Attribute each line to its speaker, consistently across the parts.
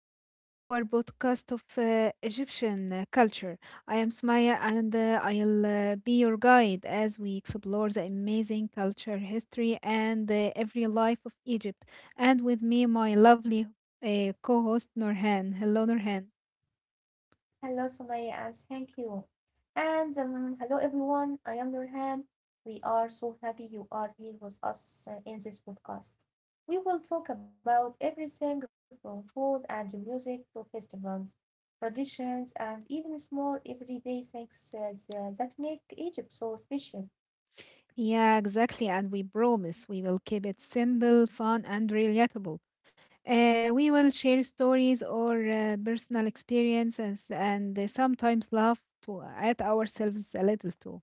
Speaker 1: to our podcast of Egyptian culture. I am Sumaya, and I'll be your guide as we explore the amazing culture, history, and every life of Egypt. And with me, my lovely co host, Norhan. Hello, Norhan.
Speaker 2: Hello, Sumaya, and thank you. And Hello, everyone. I am Nurhan. We are so happy you are here with us in this podcast. We will talk about everything from food and music to festivals, traditions, and even small everyday things that make Egypt so special.
Speaker 1: Yeah, exactly. And we promise we will keep it simple, fun, and relatable. We will share stories or personal experiences and sometimes laugh to, at ourselves a little too.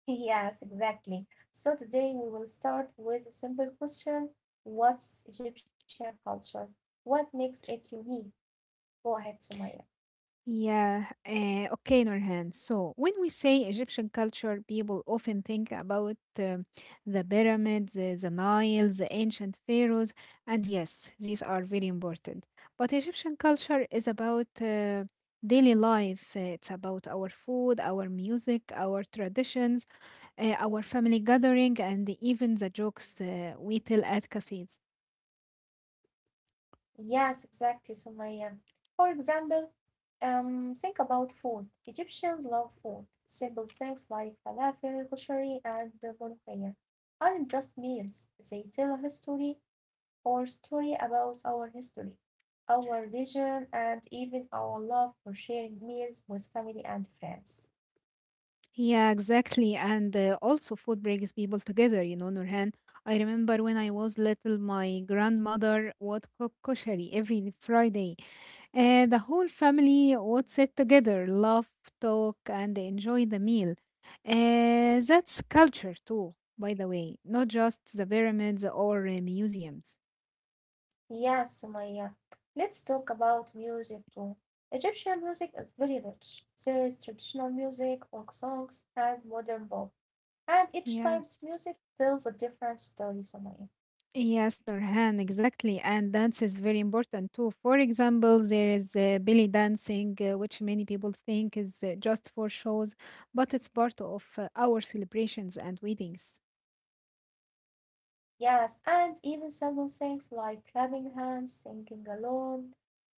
Speaker 2: Yes, exactly. So today we will start with a simple question. What's Egyptian culture? What makes it unique? Go ahead, Sumaya.
Speaker 1: Yeah, okay, Norhan. So, when we say Egyptian culture, people often think about the pyramids, the Nile, the ancient pharaohs, and yes, these are very important. But Egyptian culture is about daily life. It's about our food, our music, our traditions, our family gathering, and even the jokes we tell at cafes.
Speaker 2: Yes, exactly, Sumaya. For example, think about food. Egyptians love food. Simple things like falafel, kushari, and molokhia aren't just meals. They tell a history or story about our history, our region, and even our love for sharing meals with family and friends.
Speaker 1: Yeah, exactly. And also, food brings people together, you know, Nurhan. I remember when I was little, my grandmother would cook koshari every Friday. The whole family would sit together, laugh, talk, and enjoy the meal. That's culture, too, by the way, not just the pyramids or museums.
Speaker 2: Yes, Sumaya. Let's talk about music too. Egyptian music is very rich. There is traditional music, folk songs, and modern pop. And each type of
Speaker 1: Yes.
Speaker 2: music tells a different story, Sumaya.
Speaker 1: Yes, Nurhan, exactly. And dance is very important too. For example, there is belly dancing, which many people think is just for shows, but it's part of our celebrations and weddings.
Speaker 2: Yes, and even simple things like clapping hands, singing alone,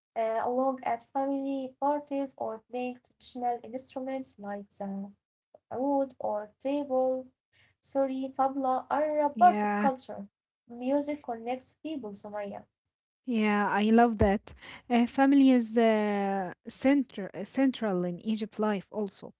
Speaker 2: along at family parties, or playing traditional instruments like the oud or table, suri, tabla are a part of
Speaker 1: Yeah,
Speaker 2: culture. Music connects people, Sumaya.
Speaker 1: yeah, I love that. Family is central in Egypt life also.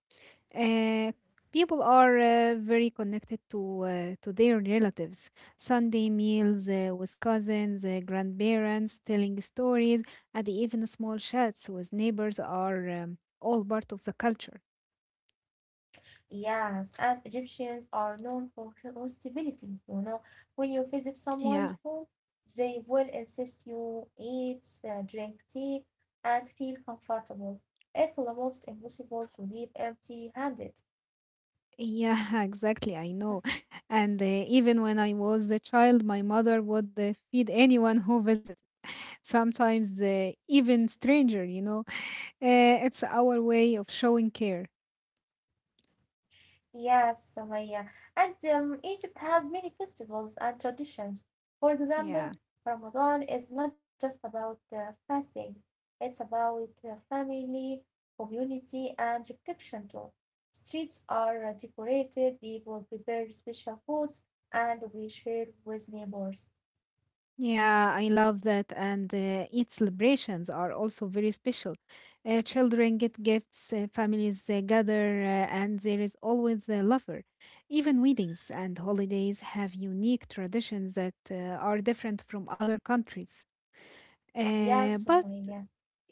Speaker 1: Uh, people are very connected to their relatives. Sunday meals with cousins, grandparents, telling stories, and even small chats with neighbors are all part of the culture.
Speaker 2: Yes, and Egyptians are known for hospitality. You know, when you visit
Speaker 1: Yeah.
Speaker 2: someone's home, they will insist you eat, drink tea, and feel comfortable. It's almost impossible to leave empty-handed.
Speaker 1: Yeah, exactly. I know. And even when I was a child, my mother would feed anyone who visited, sometimes even stranger, you know. It's our way of showing care.
Speaker 2: Yes, Sumaya. And Egypt has many festivals and traditions. For
Speaker 1: Yeah.
Speaker 2: example, Ramadan is not just about fasting, it's about family, community, and reflection too. Streets are decorated, people prepare special foods, and we share with neighbors.
Speaker 1: Yeah, I love that. And Eid celebrations are also very special. Children get gifts, families gather, and there is always a lover. Even weddings and holidays have unique traditions that are different from other countries. Uh,
Speaker 2: Yes,
Speaker 1: but
Speaker 2: Sumaya.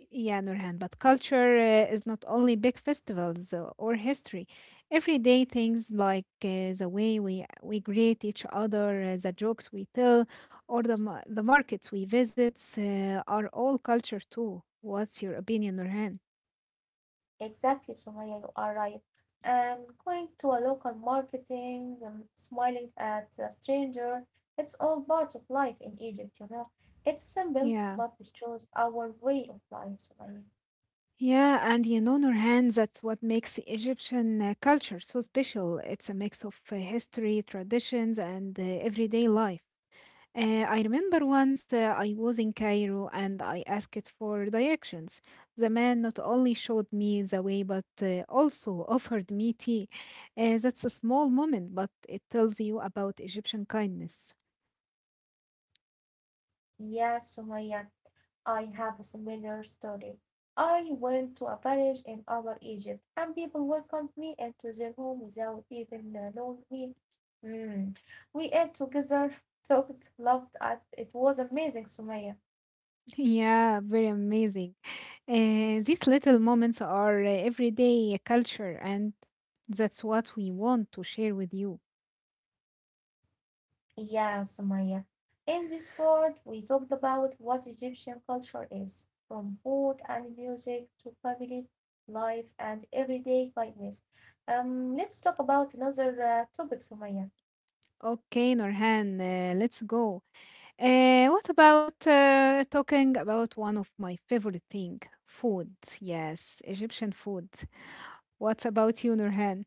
Speaker 1: yeah, Nurhan, but culture is not only big festivals or history. Everyday things like the way we greet each other, the jokes we tell, or the the markets we visit are all culture too. What's your opinion, Nurhan?
Speaker 2: Exactly, Sumaya, you are right. And going to a local marketing, smiling at a stranger, it's all part of life in Egypt, you know. It's simple,
Speaker 1: Yeah.
Speaker 2: but it shows our way of life, Sumaya.
Speaker 1: Yeah, and you know, Nurhan, that's what makes Egyptian culture so special. It's a mix of history, traditions, and everyday life. I remember once I was in Cairo and I asked for directions. The man not only showed me the way but also offered me tea. That's a small moment, but it tells you about Egyptian kindness.
Speaker 2: Yes, Sumaya, I have a similar story. I went to a village in Upper Egypt, and people welcomed me into their home without even knowing me. Mm. We ate together, talked, loved. At, it was amazing, Sumaya.
Speaker 1: Yeah, very amazing. These little moments are everyday culture, and that's what we want to share with you.
Speaker 2: Yeah, Sumaya. In this part, we talked about what Egyptian culture is, from food and music to family life and everyday kindness. Let's talk about another topic, Sumaya.
Speaker 1: Okay, Norhan, let's go. What about talking about one of my favorite thing, food? Yes, Egyptian food. What about you, Nurhan?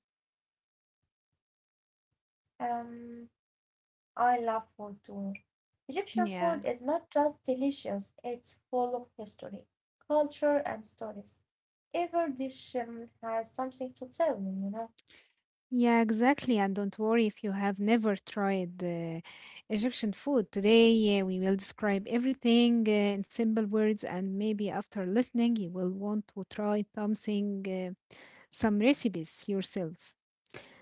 Speaker 2: Um, I love food too. Egyptian food
Speaker 1: Yeah,
Speaker 2: is not just delicious; it's full of history, culture, and stories. Every dish has something to tell you, you know.
Speaker 1: yeah, exactly. And don't worry if you have never tried Egyptian food. Today, we will describe everything in simple words, and maybe after listening, you will want to try something, some recipes yourself.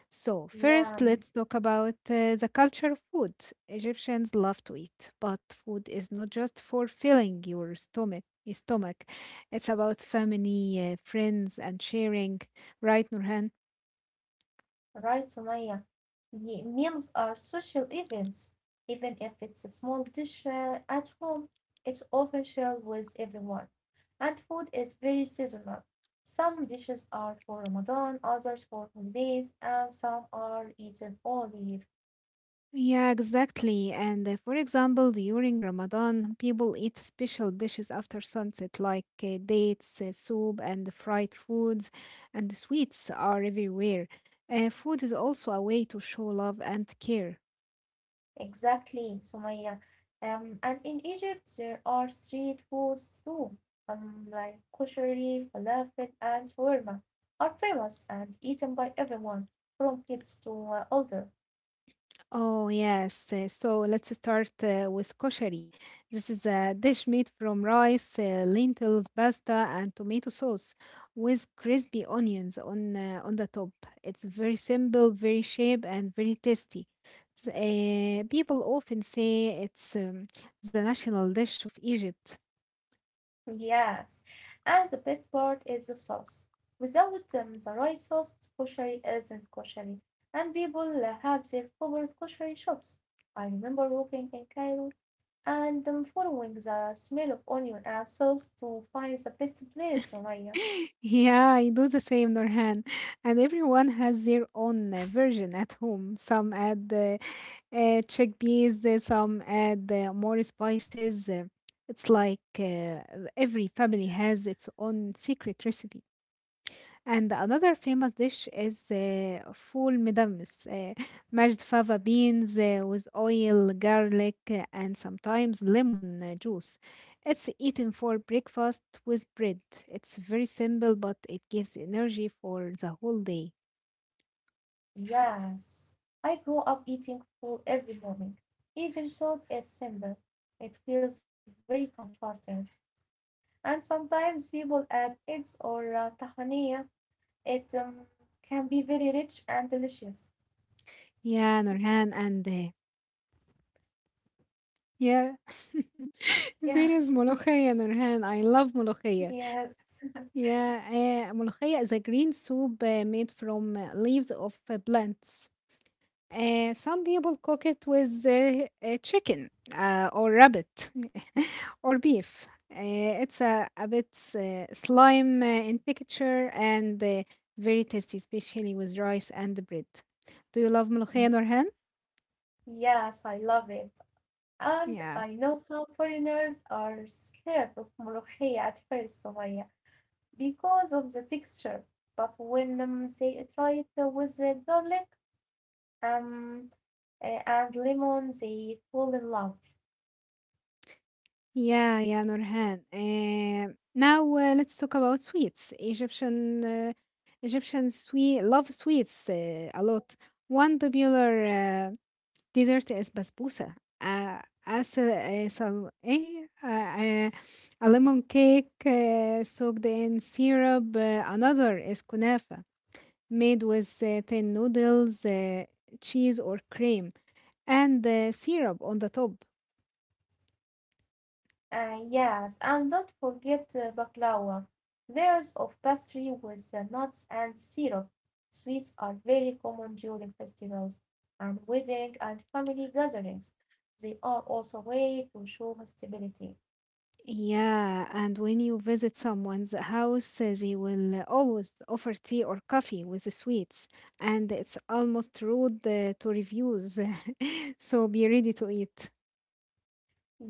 Speaker 1: So, first,
Speaker 2: Yeah.
Speaker 1: let's talk about the culture of food. Egyptians love to eat, but food is not just for filling your stomach, it's about family, friends, and sharing, right, Nurhan?
Speaker 2: Right, Sumaya. Meals are social events. Even if it's a small dish at home, it's often shared with everyone. And food is very seasonal. Some dishes are for Ramadan, others for holidays, and some are eaten all year.
Speaker 1: Yeah, exactly. And for example, during Ramadan, people eat special dishes after sunset, like dates, soup, and fried foods, and sweets are everywhere. Food is also a way to show love and care.
Speaker 2: Exactly, Sumaya. And in Egypt, there are street foods too, like koshari, falafel, and shawarma are famous and eaten by everyone, from kids to older.
Speaker 1: Oh, yes. So let's start with koshari. This is a dish made from rice, lentils, pasta, and tomato sauce with crispy onions on the top. It's very simple, very shape, and very tasty. People often say it's the national dish of Egypt.
Speaker 2: Yes, and the best part is the sauce. Without the right sauce, koshari isn't koshari, and people have their favorite koshari shops. I remember walking in Cairo and following the smell of onion and sauce to find the best place, Sumaya.
Speaker 1: Yeah, I do the same, Nurhan. And everyone has their own version at home. Some add chickpeas, some add more spices. It's like every family has its own secret recipe. And another famous dish is فول مدمس, mashed fava beans with oil, garlic, and sometimes lemon juice. It's eaten for breakfast with bread. It's very simple, but it gives energy for the whole day.
Speaker 2: Yes, I grow up eating fool every morning, even though it's simple. It feels very comforting, and sometimes people add eggs or tahiniya. It can be very rich and delicious.
Speaker 1: Yeah, Nurhan, and yeah, serious
Speaker 2: Yes,
Speaker 1: ملوخية, Nurhan. I love ملوخية.
Speaker 2: yes,
Speaker 1: Yeah, ملوخية is a green soup made from leaves of plants. Some people cook it with chicken or rabbit or beef. It's a bit slime in texture and very tasty, especially with rice and bread. Do you love ملوخية, Norhan?
Speaker 2: yes, I love it. And
Speaker 1: Yeah.
Speaker 2: I know some foreigners are scared of ملوخية at first, Sumaya, because of the texture. But when they try it with garlic, um, and lemon, they fall in love.
Speaker 1: Yeah, Nurhan. Now let's talk about sweets. Egyptian sweet love sweets a lot. One popular dessert is basbousa. As a lemon cake soaked in syrup. Another is kunafa, made with thin noodles, cheese or cream, and syrup on the top.
Speaker 2: Yes, and don't forget baklava. Layers of pastry with nuts and syrup. Sweets are very common during festivals and wedding and family gatherings. They are also a way to show hospitality.
Speaker 1: Yeah, and when you visit someone's house, they will always offer tea or coffee with the sweets, and it's almost rude to refuse. So be ready to eat.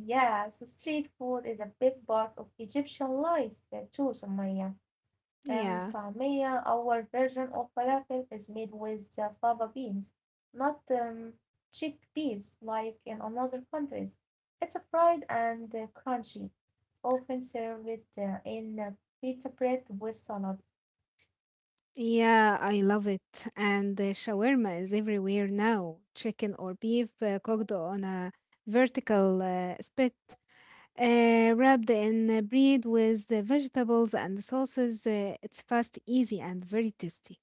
Speaker 2: Yes, street food is a big part of Egyptian life too, Sumaya.
Speaker 1: Yeah,
Speaker 2: طعمية, our version of falafel is made with fava beans, not chickpeas like in another countries. It's fried and crunchy, often served in pita bread with salad.
Speaker 1: yeah, I love it. And shawarma is everywhere now, chicken or beef cooked on a vertical spit. Wrapped in bread with the vegetables and sauces, it's fast, easy, and very tasty.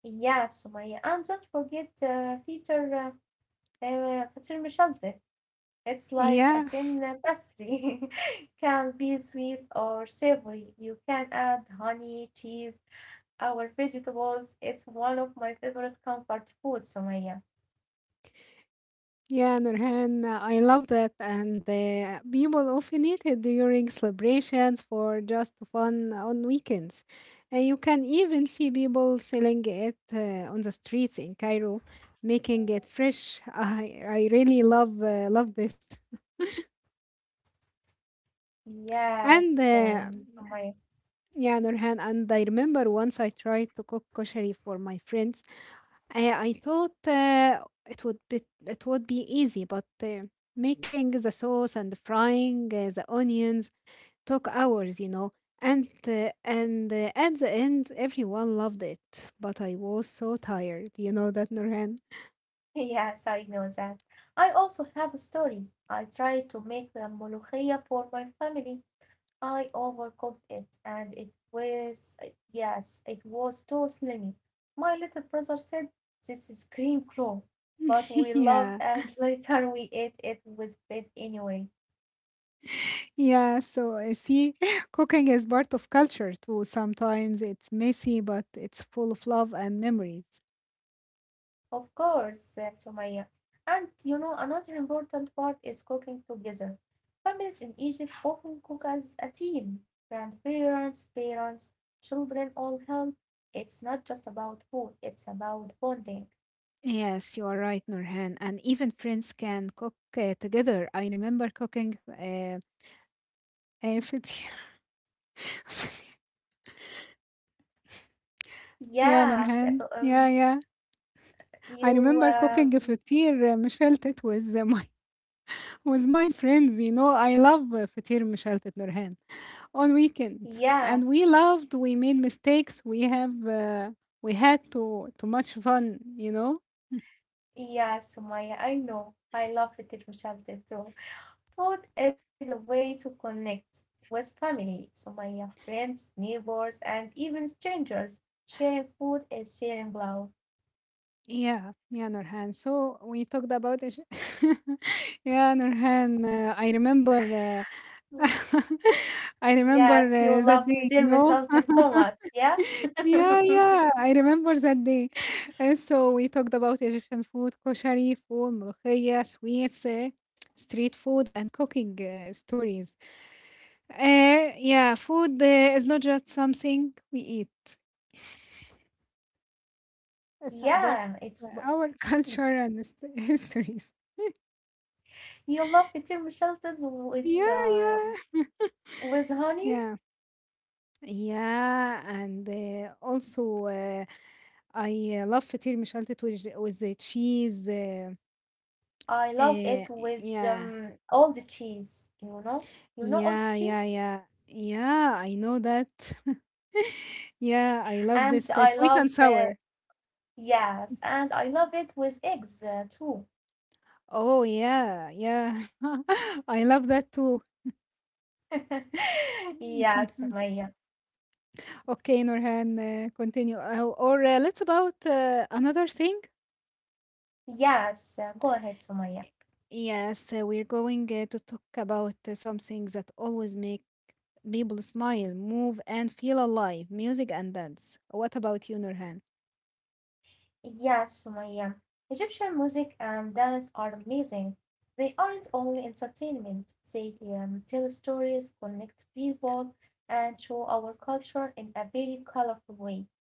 Speaker 2: Yeah, Sumaya. And don't forget feature مشلتت. It's like a
Speaker 1: Yeah.
Speaker 2: thin pastry. Can be sweet or savory. You can add honey, cheese, our vegetables, it's one of my favorite comfort foods, Sumaya.
Speaker 1: Yeah, Nurhan, I love that. And people often eat it during celebrations for just fun on weekends. You can even see people selling it on the streets in Cairo, making it fresh. I really love this. And
Speaker 2: Yes,
Speaker 1: uh,
Speaker 2: Sumaya.
Speaker 1: yeah, Nurhan, and I remember once I tried to cook koshari for my friends. I thought it would be easy, but making the sauce and frying the onions took hours, you know. And at the end, everyone loved it, but I was so tired. You know that, Norhan.
Speaker 2: Yes, I know that. I also have a story. I tried to make the molokhia for my family. I overcooked it, and it was too slimy. My little brother said, "This is cream crow." But we loved
Speaker 1: yeah,
Speaker 2: and later we ate it with bread anyway.
Speaker 1: yeah. So see, cooking is part of culture too. Sometimes it's messy, but it's full of love and memories.
Speaker 2: Of course, Sumaya. And you know, another important part is cooking together. Families in Egypt often cook as a team. Grandparents, parents, children all help. It's not just about food, it's about bonding.
Speaker 1: Yes, you are right, Nurhan. And even friends can cook together. I remember cooking فطير. Yeah,
Speaker 2: Yeah, f-
Speaker 1: Nurhan.
Speaker 2: um,
Speaker 1: Yeah. I
Speaker 2: you,
Speaker 1: remember cooking
Speaker 2: um,
Speaker 1: فطير مشلتت with my with my friends. You know, I love فطير مشلتت, Nurhan, on weekend. And
Speaker 2: yes,
Speaker 1: we loved. We made mistakes. We had too much fun. You know.
Speaker 2: yes, Sumaya, I know. I love it, Roshabda, too. Food is a way to connect with family, so my friends, neighbors, and even strangers. Sharing food is sharing love.
Speaker 1: Yeah, Nurhan. So we talked about it. yeah, Nurhan. I remember. Uh,
Speaker 2: Mm.
Speaker 1: I
Speaker 2: Yes,
Speaker 1: remember
Speaker 2: you love to
Speaker 1: that
Speaker 2: tell
Speaker 1: day.
Speaker 2: me
Speaker 1: You
Speaker 2: something
Speaker 1: know.
Speaker 2: so much. Yeah.
Speaker 1: Yeah. I remember that day. And so we talked about Egyptian food, koshari, food, ملوخية, sweets, street food, and cooking stories. Yeah, food is not just something we eat. It's a part
Speaker 2: Yeah, it's
Speaker 1: of our culture and histories.
Speaker 2: you love potato shelters
Speaker 1: Yeah, yeah,
Speaker 2: with honey.
Speaker 1: yeah, yeah, and also I love فطير مشلتت with the cheese.
Speaker 2: I love
Speaker 1: Uh,
Speaker 2: it with
Speaker 1: yeah,
Speaker 2: all the cheese, you know all the
Speaker 1: yeah, yeah,
Speaker 2: cheese,
Speaker 1: yeah, yeah. I know that. yeah, I love
Speaker 2: and
Speaker 1: this
Speaker 2: I
Speaker 1: sweet
Speaker 2: love
Speaker 1: and sour.
Speaker 2: yes, and I love it with eggs too.
Speaker 1: Oh yeah. I love that too.
Speaker 2: Yeah, Sumaya.
Speaker 1: Okay, Norhan, continue. Or let's about another thing.
Speaker 2: Yes, go ahead, Sumaya.
Speaker 1: Yes, we're going to talk about something that always make people smile, move, and feel alive, music and dance. What about you, Nurhan?
Speaker 2: Yes, Sumaya. Egyptian music and dance are amazing. They aren't only entertainment, they tell stories, connect people, and show our culture in a very colorful way.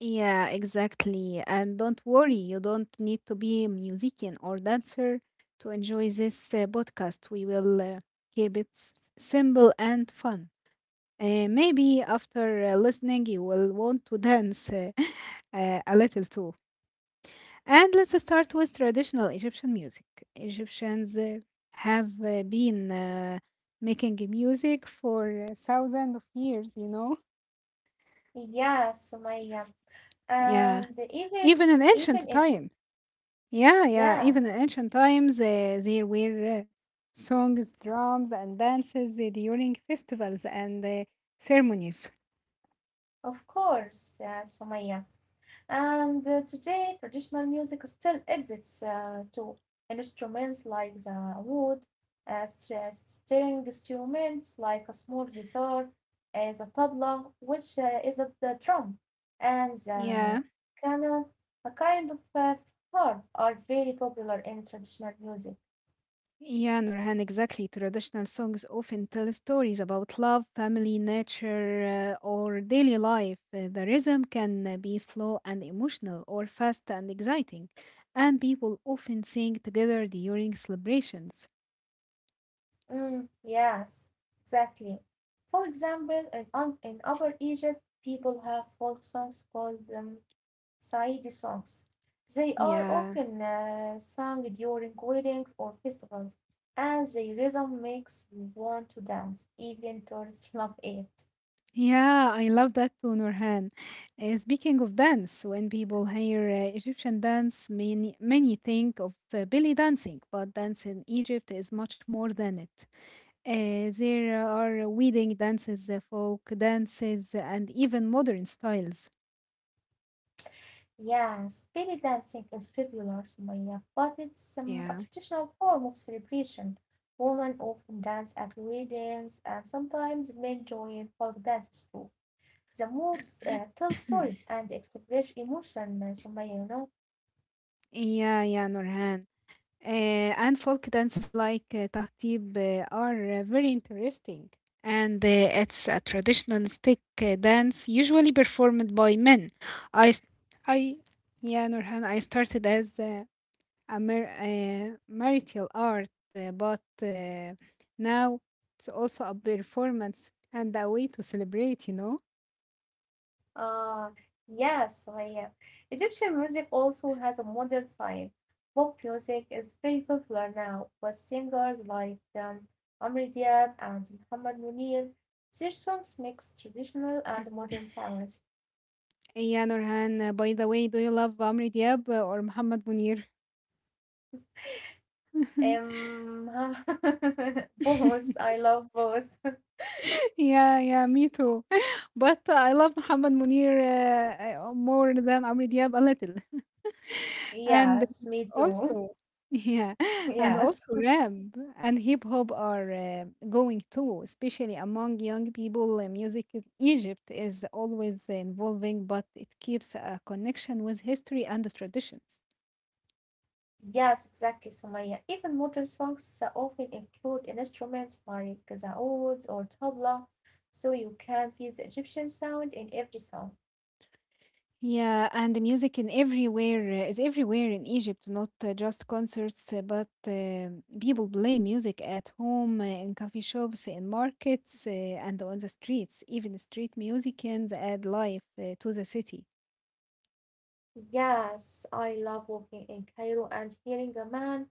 Speaker 1: Yeah, exactly. And don't worry, you don't need to be a musician or dancer to enjoy this podcast. We will keep it simple and fun. Maybe after listening, you will want to dance a little too. And let's start with traditional Egyptian music. Egyptians have been making music for thousands of years, you know?
Speaker 2: Yes, Sumaya.
Speaker 1: Yeah.
Speaker 2: And even
Speaker 1: Even in
Speaker 2: even
Speaker 1: ancient
Speaker 2: if
Speaker 1: times. Yeah.
Speaker 2: Yes,
Speaker 1: Even in ancient times, there were songs, drums, and dances during festivals and ceremonies.
Speaker 2: of course, Sumaya. And Today, traditional music still exists too. Instruments like the wood, string instruments like a small guitar, the tabla, which is the drum, and
Speaker 1: Yeah.
Speaker 2: the canon, a kind of harp, are very popular in traditional music.
Speaker 1: Yeah, Nurhan, exactly. Traditional songs often tell stories about love, family, nature, or daily life. The rhythm can be slow and emotional, or fast and exciting, and people often sing together during celebrations.
Speaker 2: Yes, exactly. For example, in Upper Egypt, people have folk songs called Saeedi songs. They are
Speaker 1: Yeah,
Speaker 2: often sung during weddings or festivals, and the rhythm makes you want to dance. Even tourists love it.
Speaker 1: yeah, I love that too, Nurhan. Speaking of dance, when people hear Egyptian dance, many, many think of belly dancing, but dance in Egypt is much more than it. There are wedding dances, folk dances, and even modern styles.
Speaker 2: Yes, belly dancing is popular, Sumaya, but it's a
Speaker 1: Yeah.
Speaker 2: traditional form of celebration. Women often dance at weddings and sometimes men join folk dances too. The moves tell stories and express emotion, Sumaya, you know.
Speaker 1: Yeah, Nurhan. And folk dances like tahtib are very interesting. And it's a traditional stick dance usually performed by men. I, s- I, yeah, Nurhan, I started as a marital art, but now it's also a performance and a way to celebrate.
Speaker 2: Ah, yes, Sumaya. Egyptian music also has a modern side. Pop music is very popular now, with singers like Amr Diab and Muhammad Munir. Their songs mix traditional and modern sounds.
Speaker 1: Yeah, Nurhan, by the way, do you love Amri Diab or Muhammad Munir?
Speaker 2: Um, Both. I love both.
Speaker 1: Yeah, yeah, me too. But I love Muhammad Munir more than Amr Diab a little. And
Speaker 2: Yes, me too.
Speaker 1: also, yeah, and also
Speaker 2: Yes.
Speaker 1: rap and hip hop are going too, especially among young people. Music in Egypt is always evolving, but it keeps a connection with history and the traditions.
Speaker 2: Yes, exactly, Sumaya. Even modern songs often include instruments like the oud or tabla, so you can feel the Egyptian sound in every song.
Speaker 1: Yeah, and the music in everywhere is everywhere in Egypt, not just concerts, but people play music at home, in coffee shops, in markets, and on the streets. Even street musicians add life to the city.
Speaker 2: Yes, I love walking in Cairo and hearing a man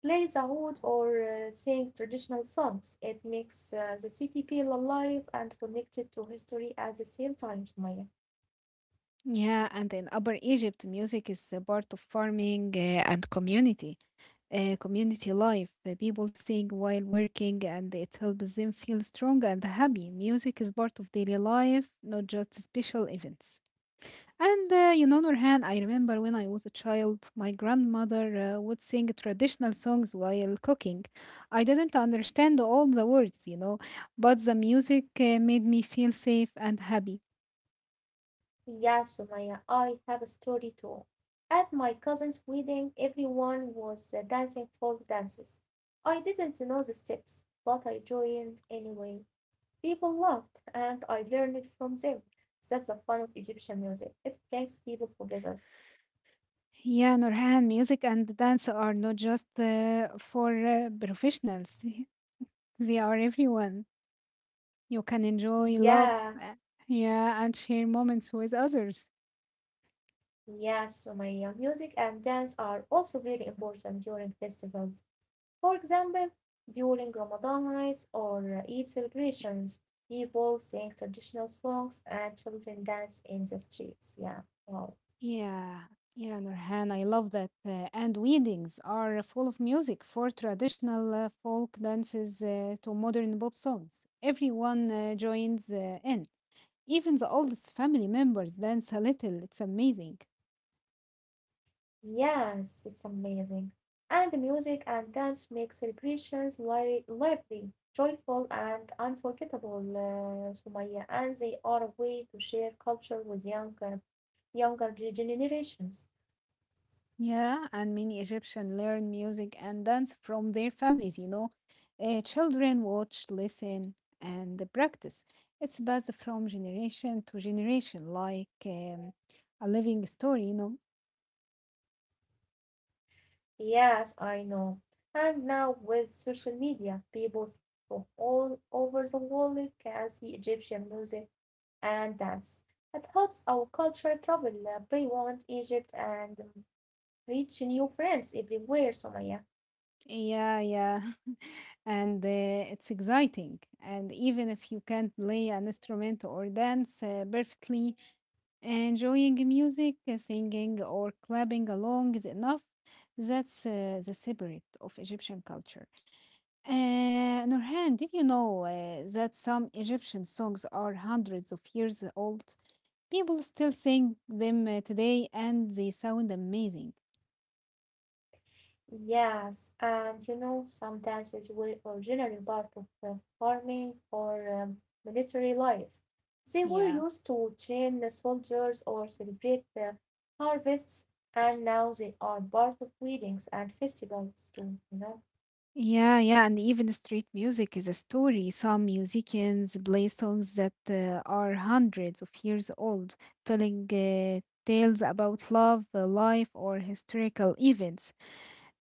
Speaker 2: play the oud or sing traditional songs. It makes the city feel alive and connected to history at the same time, Sumaya.
Speaker 1: Yeah, and in Upper Egypt, music is a part of farming and community, community life. People sing while working, and it helps them feel strong and happy. Music is part of daily life, not just special events. And you know, Nurhan, I remember when I was a child, my grandmother would sing traditional songs while cooking. I didn't understand all the words, but the music made me feel safe and happy.
Speaker 2: Yeah, Sumaya, I have a story too. At my cousin's wedding, everyone was dancing folk dances. I didn't know the steps, but I joined anyway. People laughed, and I learned it from them. That's the fun of Egyptian music. It brings people together.
Speaker 1: Yeah, Nurhan, music and dance are not just for professionals, they are everyone. You can enjoy, love,
Speaker 2: Yeah,
Speaker 1: uh, yeah, and share moments with others.
Speaker 2: yeah, Sumaya. Music and dance are also very important during festivals. For example, during Ramadan nights or Eid celebrations, people sing traditional songs and children dance in the streets. Yeah. Wow.
Speaker 1: Yeah, yeah, Nurhan, I love that. And weddings are full of music, for traditional folk dances to modern pop songs. Everyone joins in. Even the oldest family members dance a little. It's amazing.
Speaker 2: Yes, it's amazing. And the music and dance make celebrations lively, joyful, and unforgettable, Sumaya. And they are a way to share culture with younger generations.
Speaker 1: Yeah, and many Egyptians learn music and dance from their families, you know. Children watch, listen, and practice. It's passed from generation to generation, like a living story, you know.
Speaker 2: Yes, I know. And now with social media, people from all over the world can see Egyptian music and dance. It helps our culture travel beyond Egypt and reach new friends everywhere, Somaya.
Speaker 1: Yeah, yeah. And it's exciting. And even if you can't play an instrument or dance perfectly, enjoying music, singing, or clapping along is enough. That's the spirit of Egyptian culture. Nurhan, did you know that some Egyptian songs are hundreds of years old? People still sing them today and they sound amazing.
Speaker 2: Yes, and you know, some dances were originally part of the farming or military life. They were
Speaker 1: Yeah.
Speaker 2: used to train the soldiers or celebrate the harvests, and now they are part of weddings and festivals too, you know?
Speaker 1: Yeah, yeah, and even the street music is a story. Some musicians play songs that are hundreds of years old, telling tales about love, life, or historical events.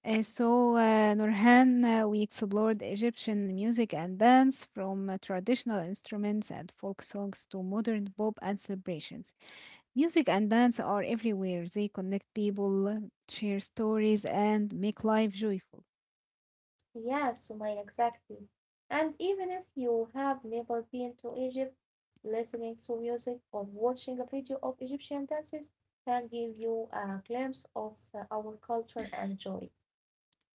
Speaker 1: So, Nurhan, we explored Egyptian music and dance from traditional instruments and folk songs to modern pop and celebrations. Music and dance are everywhere. They connect people, share stories, and make life joyful.
Speaker 2: Yes, Sumaila, exactly. And even if you have never been to Egypt, listening to music or watching a video of Egyptian dances can give you a glimpse of our culture and joy.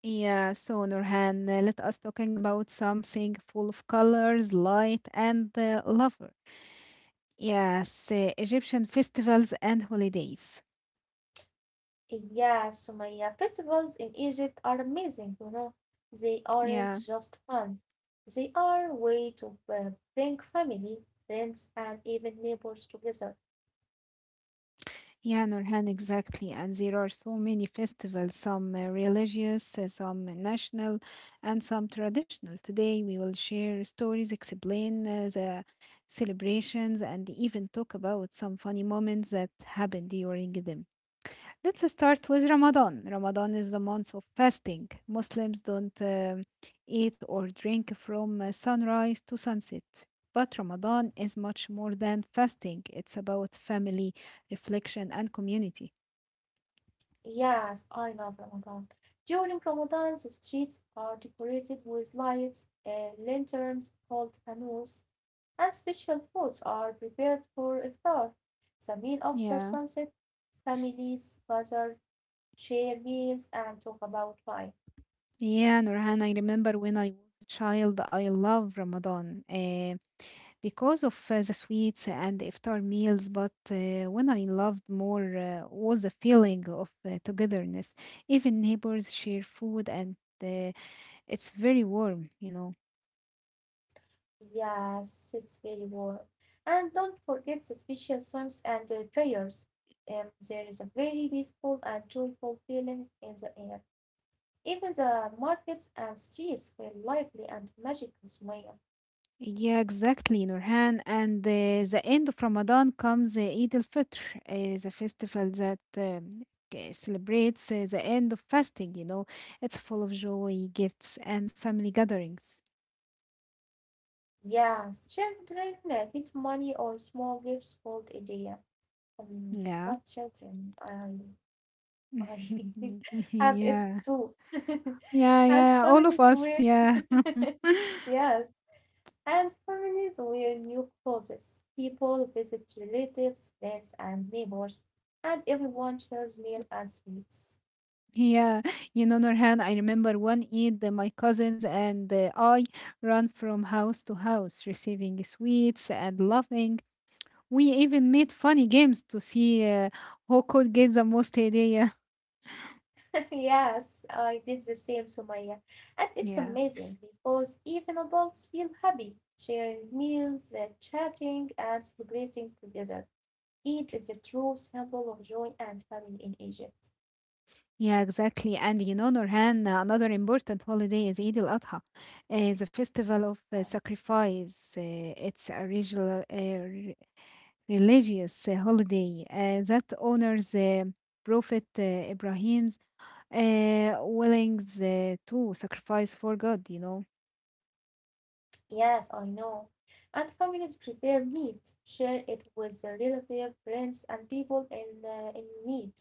Speaker 1: Yeah, so Nurhan, let us talking about something full of colors, light, and lover. Yes, Egyptian festivals and holidays.
Speaker 2: Yeah, Sumaya, festivals in Egypt are amazing, you know. They aren't
Speaker 1: Yeah,
Speaker 2: just fun. They are a way to bring family, friends, and even neighbors together.
Speaker 1: yeah, Nurhan, exactly. And there are so many festivals, some religious, some national, and some traditional. Today, we will share stories, explain the celebrations, and even talk about some funny moments that happen during them. Let's start with Ramadan. Ramadan is the month of fasting. Muslims don't eat or drink from sunrise to sunset. But Ramadan is much more than fasting, it's about family, reflection, and community.
Speaker 2: Yes, I love Ramadan. During Ramadan, the streets are decorated with lights, lanterns called canoes, and special foods are prepared for iftar. The meal after
Speaker 1: Yeah.
Speaker 2: sunset, families gather, share meals, and talk about life.
Speaker 1: Yeah, Nurhan, I remember when I was a child, I love Ramadan. Because of the sweets and iftar meals, but when I loved more was the feeling of togetherness. Even neighbors share food, and uh, it's very warm, you know.
Speaker 2: Yes, it's very warm. And don't forget the special songs and prayers. There is a very peaceful and joyful feeling in the air. Even the markets and streets feel lively and magical smile.
Speaker 1: Yeah, exactly, Nurhan. And the end of Ramadan comes Eid al-Fitr, the festival that celebrates the end of fasting, you know. It's full of joy, gifts, and family gatherings.
Speaker 2: Yes, children get money or small gifts called idea. Um,
Speaker 1: Yeah.
Speaker 2: Not children. I have it
Speaker 1: yeah.
Speaker 2: too.
Speaker 1: Yeah,
Speaker 2: and
Speaker 1: yeah, all of
Speaker 2: families
Speaker 1: us,
Speaker 2: where,
Speaker 1: yeah.
Speaker 2: yes, and families wear new clothes, people visit relatives, friends, and neighbors, and everyone shares meal and sweets.
Speaker 1: Yeah, you know, Nurhan, I remember one Eid, my cousins and I ran from house to house, receiving sweets and laughing. We even made funny games to see who could get the most idea.
Speaker 2: Yes, I did the same, Sumaya. And it's
Speaker 1: Yeah, yeah,
Speaker 2: amazing because even adults feel happy sharing meals, chatting, and celebrating together. Eid is a true symbol of joy and family in Egypt.
Speaker 1: yeah, exactly. And you know, Nurhan, another important holiday is Eid al-Adha, the festival of
Speaker 2: Yes.
Speaker 1: sacrifice. It's original, religious holiday that honors Prophet Ibrahim's willingness to sacrifice for God, you know.
Speaker 2: Yes, I know. And families prepare meat, share it with their relatives, friends, and people in in need.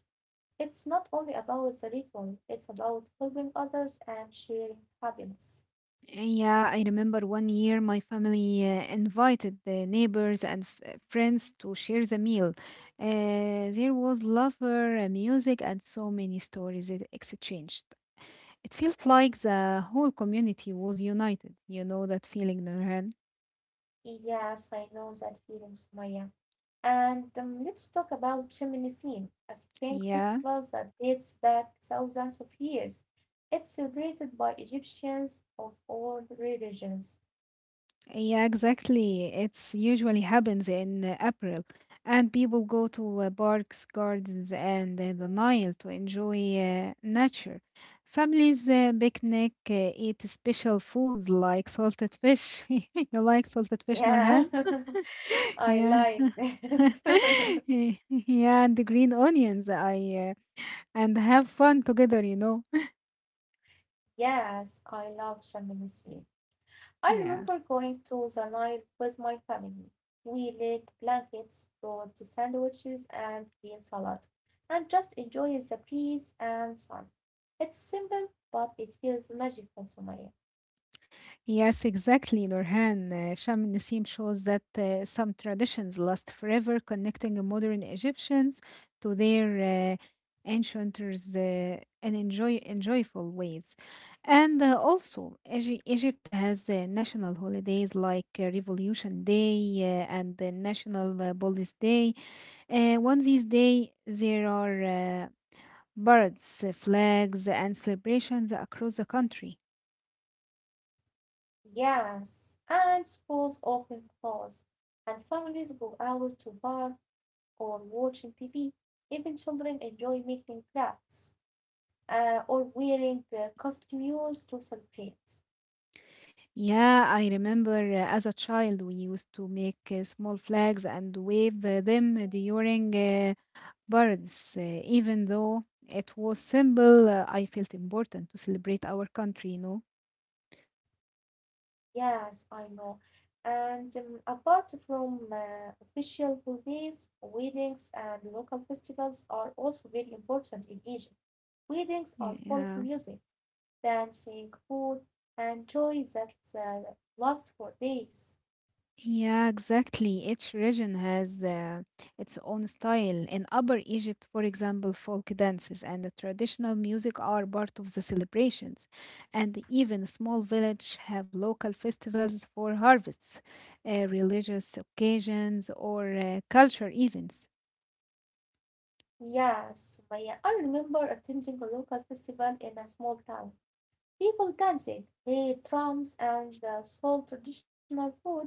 Speaker 2: It's not only about the ritual, it's about helping others and sharing happiness.
Speaker 1: Yeah, I remember one year my family invited the neighbors and friends to share the meal. There was laughter, music, and so many stories it exchanged. It felt like the whole community was united. You know that feeling, Nurhan?
Speaker 2: Yes, I know that feeling, Sumaya. And let's talk about Cheminism, a spring
Speaker 1: Yeah.
Speaker 2: festival that dates back thousands of years. It's celebrated by Egyptians of all religions.
Speaker 1: Yeah, exactly. It's usually happens in April, and people go to parks, gardens, and the Nile to enjoy nature. Families picnic, eat special foods like salted fish. You like salted fish,
Speaker 2: Yeah,
Speaker 1: Nurhan?
Speaker 2: I
Speaker 1: Yeah.
Speaker 2: like that.
Speaker 1: Yeah, and the green onions. I and have fun together, you know.
Speaker 2: Yes, I love Champs-Élysées. I
Speaker 1: Yeah.
Speaker 2: remember going to the Nile with my family. We laid blankets, brought sandwiches and green salad, and just enjoyed the breeze and sun. It's simple, but it feels magical to me.
Speaker 1: Yes, exactly, Nurhan. Sham Nasim shows that some traditions last forever, connecting modern Egyptians to their ancientors in enjoyable ways. And also, Egypt has national holidays like Revolution Day and the National Police Day. On these days, there are parades, flags, and celebrations across the country.
Speaker 2: Yes, and schools often close, and families go out to bar or watching TV. Even children enjoy making crafts, or wearing costumes to celebrate.
Speaker 1: Yeah, I remember as a child we used to make small flags and wave them during parades. Even though it was simple, I felt important to celebrate our country, you know.
Speaker 2: Yes, I know. And apart from official holidays, weddings and local festivals are also very important in Egypt. Weddings are
Speaker 1: Yeah.
Speaker 2: full of
Speaker 1: Yeah.
Speaker 2: music, dancing, food, and joy that lasts for days.
Speaker 1: Yeah, exactly. Each region has its own style. In Upper Egypt, for example, folk dances and the traditional music are part of the celebrations, and even small villages have local festivals for harvests, religious occasions, or culture events.
Speaker 2: Yes, Maya, I remember attending a local festival in a small town. People danced, played drums, and sold traditional foods.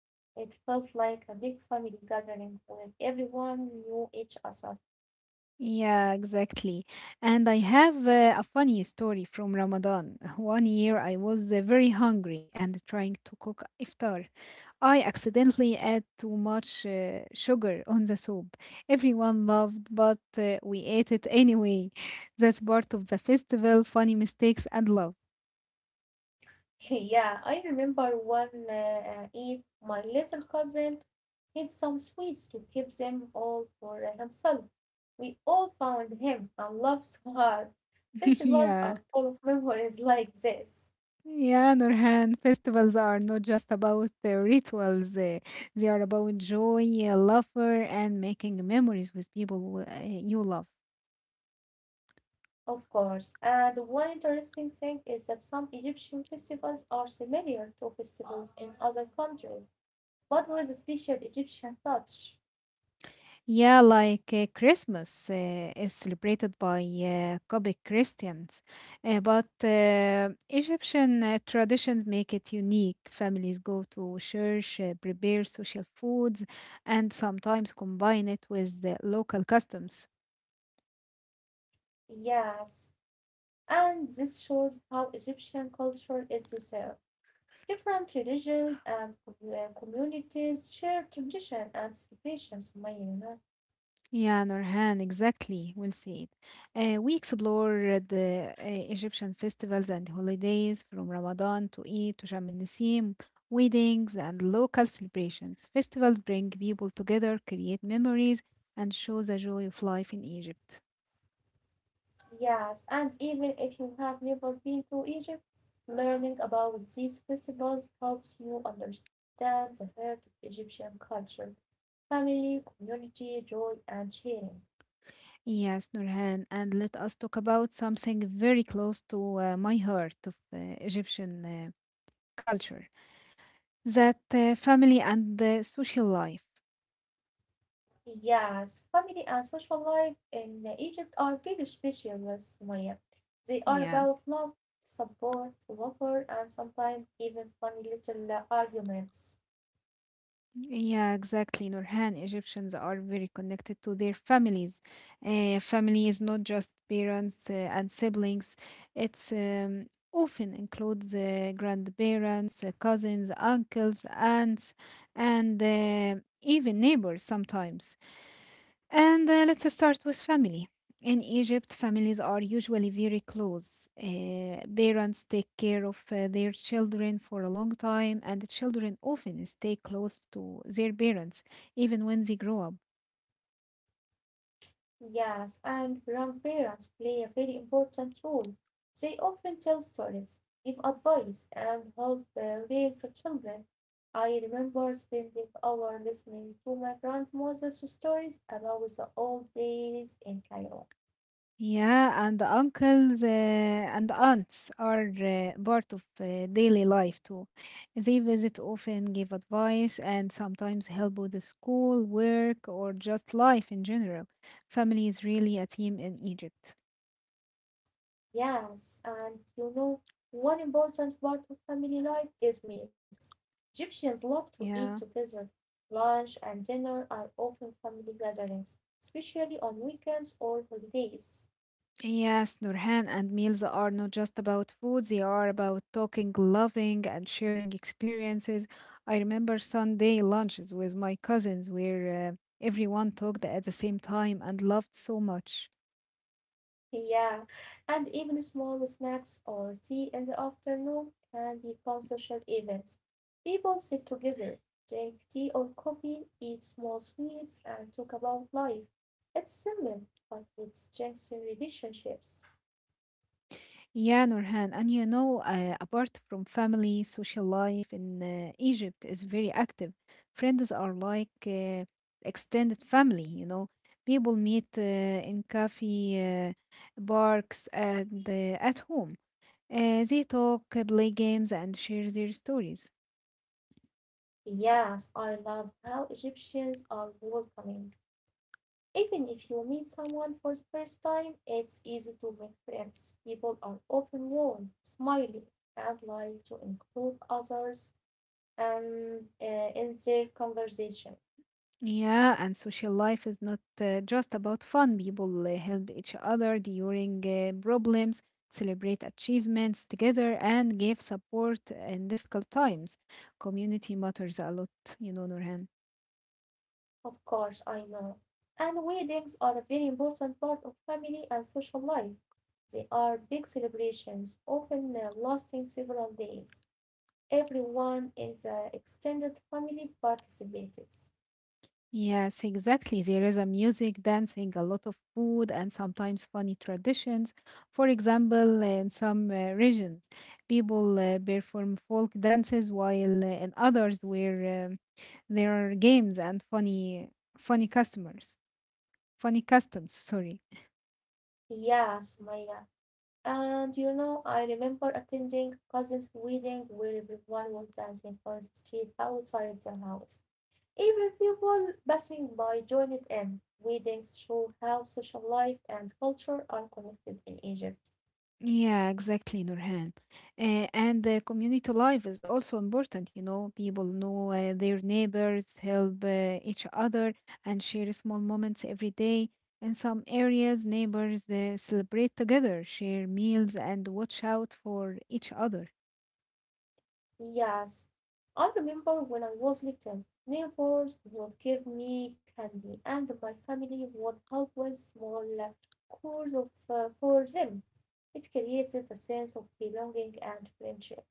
Speaker 2: It felt like a big family gathering where everyone knew each other.
Speaker 1: Yeah, exactly. And I have a funny story from Ramadan. One year I was very hungry and trying to cook iftar. I accidentally add too much sugar on the soup. Everyone laughed, but we ate it anyway. That's part of the festival, funny mistakes and love.
Speaker 2: Yeah, I remember one Eve, my little cousin hid some sweets to keep them all for himself. We all found him and laughed so hard. Festivals
Speaker 1: yeah.
Speaker 2: are full of memories like this.
Speaker 1: Yeah, Nurhan, festivals are not just about the rituals. They are about joy, laughter, and making memories with people who, you love.
Speaker 2: Of course. And one interesting thing is that some Egyptian festivals are similar to festivals in other countries, but with a special Egyptian touch.
Speaker 1: Yeah, like Christmas is celebrated by Coptic Christians, but Egyptian traditions make it unique. Families go to church, prepare social foods, and sometimes combine it with the local customs.
Speaker 2: Yes. And this shows how Egyptian culture is deserved. Different religions and communities share tradition and celebrations, Sumaya, you know.
Speaker 1: Yeah, Nurhan, exactly. Well said. We explore the Egyptian festivals and holidays from Ramadan to Eid to Sham el Nasim, weddings and local celebrations. Festivals bring people together, create memories, and show the joy of life in Egypt.
Speaker 2: Yes, and even if you have never been to Egypt, learning about these festivals helps you understand the heart of Egyptian culture, family, community, joy, and sharing.
Speaker 1: Yes, Nurhan, and let us talk about something very close to my heart of Egyptian culture, that family and social life.
Speaker 2: Yes, family and social life in Egypt are very special, Sumaya. They are
Speaker 1: Yeah.
Speaker 2: about love, support, laughter, and sometimes even funny little arguments.
Speaker 1: Yeah, exactly, Nurhan. Egyptians are very connected to their families. Family is not just parents and siblings, it's often includes grandparents, cousins, uncles, aunts, and even neighbors sometimes. And let's start with family. In Egypt, families are usually very close. Parents take care of their children for a long time, and the children often stay close to their parents even when they grow up.
Speaker 2: Yes, and grandparents play a very important role. They often tell stories, give advice, and help raise the children. I remember spending hours listening to my grandmother's stories about the old days in Cairo.
Speaker 1: Yeah, and the uncles and aunts are part of daily life too. They visit often, give advice, and sometimes help with the school, work, or just life in general. Family is really a team in Egypt.
Speaker 2: Yes, and you know, one important part of family life is meals. Egyptians love to eat
Speaker 1: Yeah.
Speaker 2: together. Lunch and dinner are often family gatherings, especially on weekends or holidays.
Speaker 1: Yes, Nurhan, and meals are not just about food, they are about talking, loving, and sharing experiences. I remember Sunday lunches with my cousins where everyone talked at the same time and loved so much.
Speaker 2: Yeah, and even small snacks or tea in the afternoon can become social events. People sit together, drink tea or coffee, eat small sweets, and talk about life. It's simple, but it strengthens relationships.
Speaker 1: Yeah, Nurhan, and you know, apart from family, social life in Egypt is very active. Friends are like extended family, you know. People meet in cafe, parks, and at home. They talk, play games, and share their stories.
Speaker 2: Yes, I love how Egyptians are welcoming. Even if you meet someone for the first time, it's easy to make friends. People are often warm, smiling, and like to include others, um, uh, in their conversation.
Speaker 1: Yeah, and social life is not just about fun. People help each other during problems, celebrate achievements together, and give support in difficult times. Community matters a lot, you know, Nurhan.
Speaker 2: Of course, I know. And weddings are a very important part of family and social life. They are big celebrations, often lasting several days. Everyone in the extended family participates.
Speaker 1: Yes, exactly. There is a music, dancing, a lot of food, and sometimes funny traditions. For example, in some regions, people perform folk dances, while in others, where there are games and funny customers, funny customs. Sorry.
Speaker 2: Yeah, Sumaya. And you know, I remember attending cousin's wedding where everyone was dancing on the street outside the house. Even people passing by joined in. Weddings show how social life and culture are connected in Egypt.
Speaker 1: Yeah, exactly, Nurhan. And the community life is also important. You know, people know their neighbors, help each other, and share small moments every day. In some areas, neighbors celebrate together, share meals, and watch out for each other.
Speaker 2: Yes, I remember when I was little, neighbors would give me candy, and my family would help with small chores of, for them. It created a sense of belonging and friendship.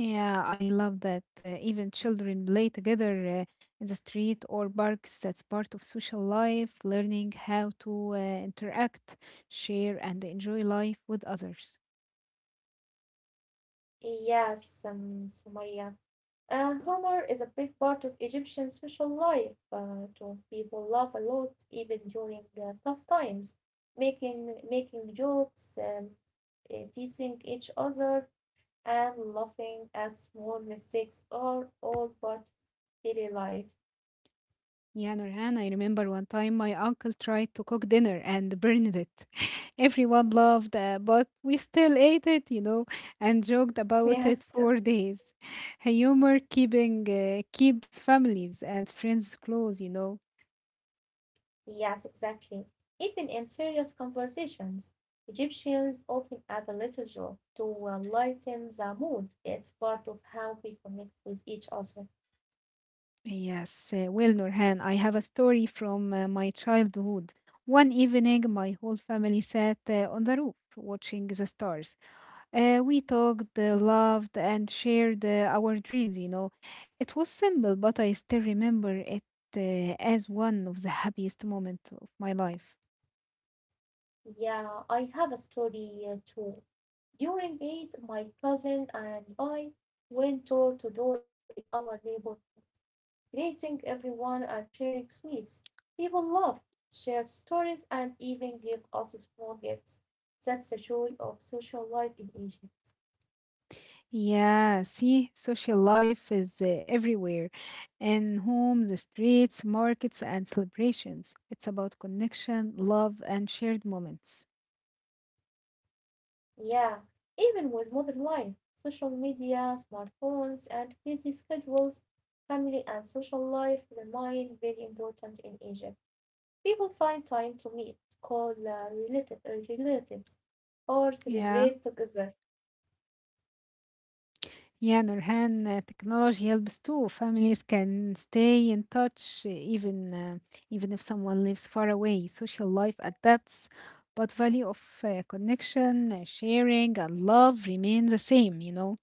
Speaker 1: Yeah, I love that. Even children play together in the street or parks. That's part of social life, learning how to interact, share, and enjoy life with others.
Speaker 2: Yes, Sumaya. Humor is a big part of Egyptian social life. To people laugh a lot even during tough times, making jokes, teasing each other, and laughing at small mistakes are all part of daily life.
Speaker 1: Yeah, Nurhan, I remember one time my uncle tried to cook dinner and burned it. Everyone laughed, but we still ate it and joked about
Speaker 2: Yes.
Speaker 1: it for days. Humor keeping keeps families and friends close.
Speaker 2: Yes, exactly. Even in serious conversations, Egyptians often add a little joke to lighten the mood. It's part of how we connect with each other.
Speaker 1: Yes, well, Nurhan, I have a story from my childhood. One evening, my whole family sat on the roof watching the stars. We talked, loved, and shared our dreams. It was simple, but I still remember it as one of the happiest moments of my life.
Speaker 2: Yeah, I have a story too. During Eid, my cousin and I went door to door in our neighborhood, greeting everyone and sharing sweets. People laughed, shared stories, and even gave us small gifts. That's the joy of social life in Egypt.
Speaker 1: Yeah, see, social life is everywhere in homes, the streets, markets, and celebrations. It's about connection, love, and shared moments.
Speaker 2: Yeah, even with modern life, social media, smartphones, and busy schedules, family and social life remain very important in Egypt. People find time to meet, call relatives, or
Speaker 1: Yeah.
Speaker 2: celebrate together.
Speaker 1: Yeah, Nurhan, technology helps too. Families can stay in touch even if someone lives far away. Social life adapts, but value of connection, sharing, and love remain the same.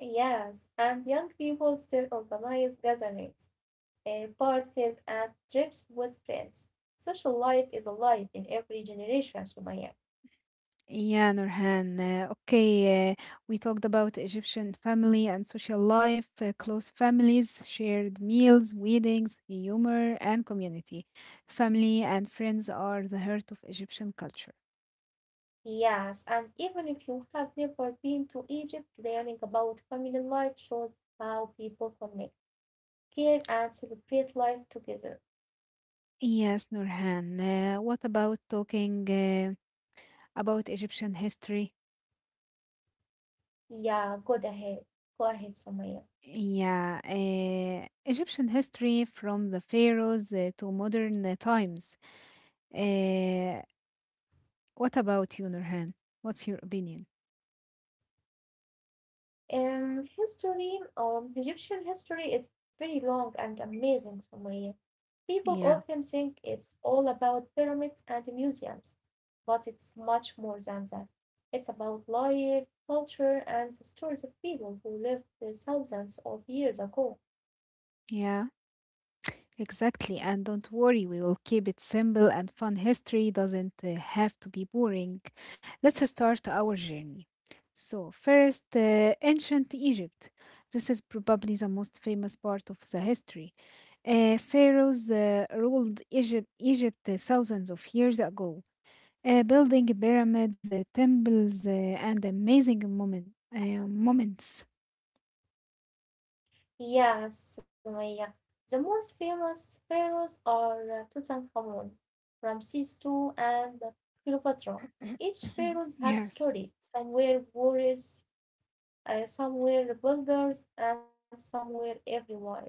Speaker 2: Yes, and young people still organize gatherings, parties, and trips with friends. Social life is alive in every generation, Sumaya.
Speaker 1: Yeah, Nurhan. Okay, we talked about Egyptian family and social life, close families, shared meals, weddings, humor, and community. Family and friends are the heart of Egyptian culture.
Speaker 2: Yes, and even if you have never been to Egypt, learning about family life shows how people connect, care, and celebrate life together.
Speaker 1: Yes, Nurhan. What about talking about Egyptian history?
Speaker 2: Yeah, go ahead. Go ahead, Sumaya.
Speaker 1: Yeah, Egyptian history from the pharaohs to modern times. Uh, what about you, Nurhan? What's your opinion?
Speaker 2: History, Egyptian history is very long and amazing, Sumaya. People often
Speaker 1: Yeah,
Speaker 2: think it's all about pyramids and museums, but it's much more than that. It's about life, culture, and the stories of people who lived thousands of years ago.
Speaker 1: yeah. Exactly, and don't worry, we will keep it simple and fun. History doesn't have to be boring. Let's start our journey. So, first, ancient Egypt. This is probably the most famous part of the history. Pharaohs ruled Egypt thousands of years ago, building pyramids, temples, and amazing moments.
Speaker 2: Yes, Sumaya. The most famous pharaohs are Tutankhamun, Ramses II, and Cleopatra. Each pharaoh had a
Speaker 1: Yes.
Speaker 2: story. Some were warriors, some were builders, and some were everywise.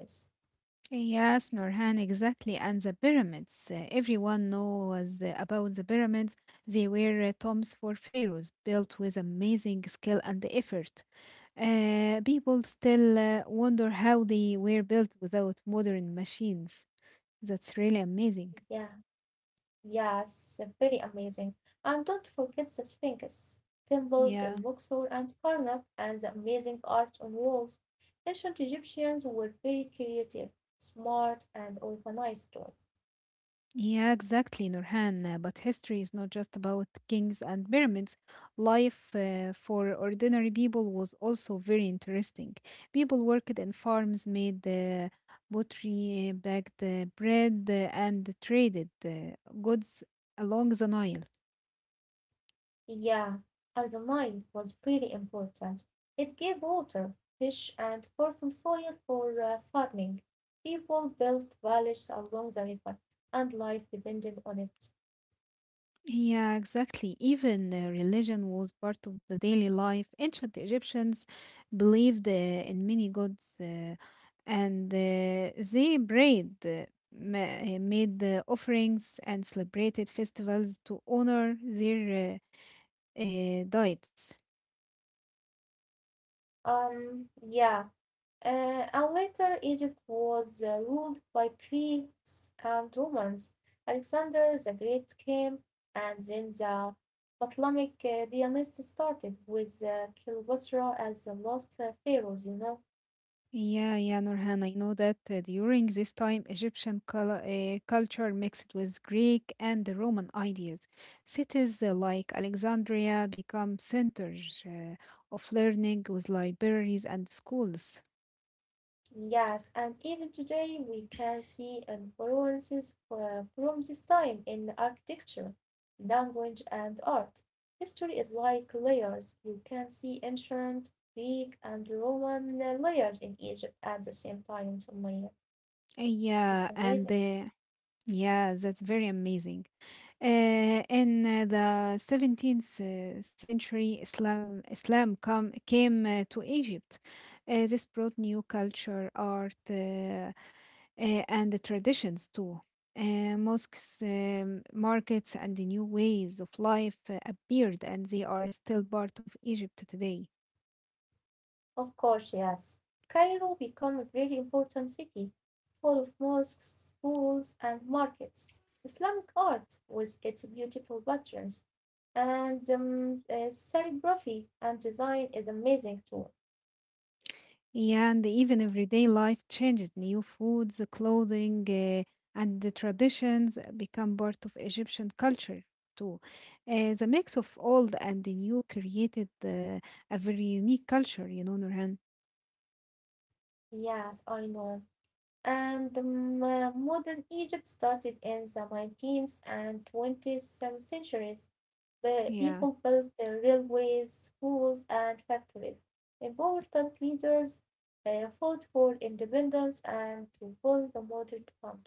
Speaker 1: Yes, Norhan, exactly. And the pyramids. Everyone knows about the pyramids. They were tombs for pharaohs built with amazing skill and effort. People still wonder how they were built without modern machines. That's really amazing.
Speaker 2: Yeah, yes, very amazing. And don't forget the Sphinx, temples
Speaker 1: Yeah.
Speaker 2: in Luxor and Karnak, and the amazing art on walls. Ancient Egyptians were very creative, smart, and organized too.
Speaker 1: Yeah, exactly, Nurhan. But history is not just about kings and pyramids. Life for ordinary people was also very interesting. People worked in farms, made pottery, baked bread, and traded goods along the Nile.
Speaker 2: Yeah, as a Nile was pretty important. It gave water, fish, and fertile soil for farming. People built villages along the river, and life depended on it.
Speaker 1: Yeah, exactly. Even religion was part of the daily life. Ancient Egyptians believed in many gods and they prayed, made the offerings, and celebrated festivals to honor their deities.
Speaker 2: Um, yeah, uh, and later Egypt was ruled by Greeks and Romans. Alexander the Great came, and then the Ptolemaic dynasty started with Cleopatra as the last pharaoh, you know.
Speaker 1: Yeah, yeah, Nurhan, I know that during this time, Egyptian culture mixed with Greek and the Roman ideas. Cities like Alexandria become centers of learning with libraries and schools.
Speaker 2: Yes, and even today we can see influences from this time in architecture, language, and art. History is like layers. You can see ancient Greek and Roman layers in Egypt at the same time. That's
Speaker 1: Yeah,
Speaker 2: amazing.
Speaker 1: and yeah, that's very amazing. In the 17th century, Islam come came to Egypt. This brought new culture, art. And the traditions too. Mosques, markets, and the new ways of life appeared, and they are still part of Egypt today.
Speaker 2: Of course, yes. Cairo became a very important city, full of mosques, schools, and markets. Islamic art, with its beautiful patterns, and calligraphy and design is amazing too.
Speaker 1: And even everyday life changed. New foods, the clothing, and the traditions become part of Egyptian culture too. The mix of old and the new created a very unique culture, Nurhan.
Speaker 2: Yes, I know. And modern Egypt started in the 19th and 20th centuries. The
Speaker 1: Yeah.
Speaker 2: people built the railways, schools, and factories. Important leaders fought for independence and to build the modern country.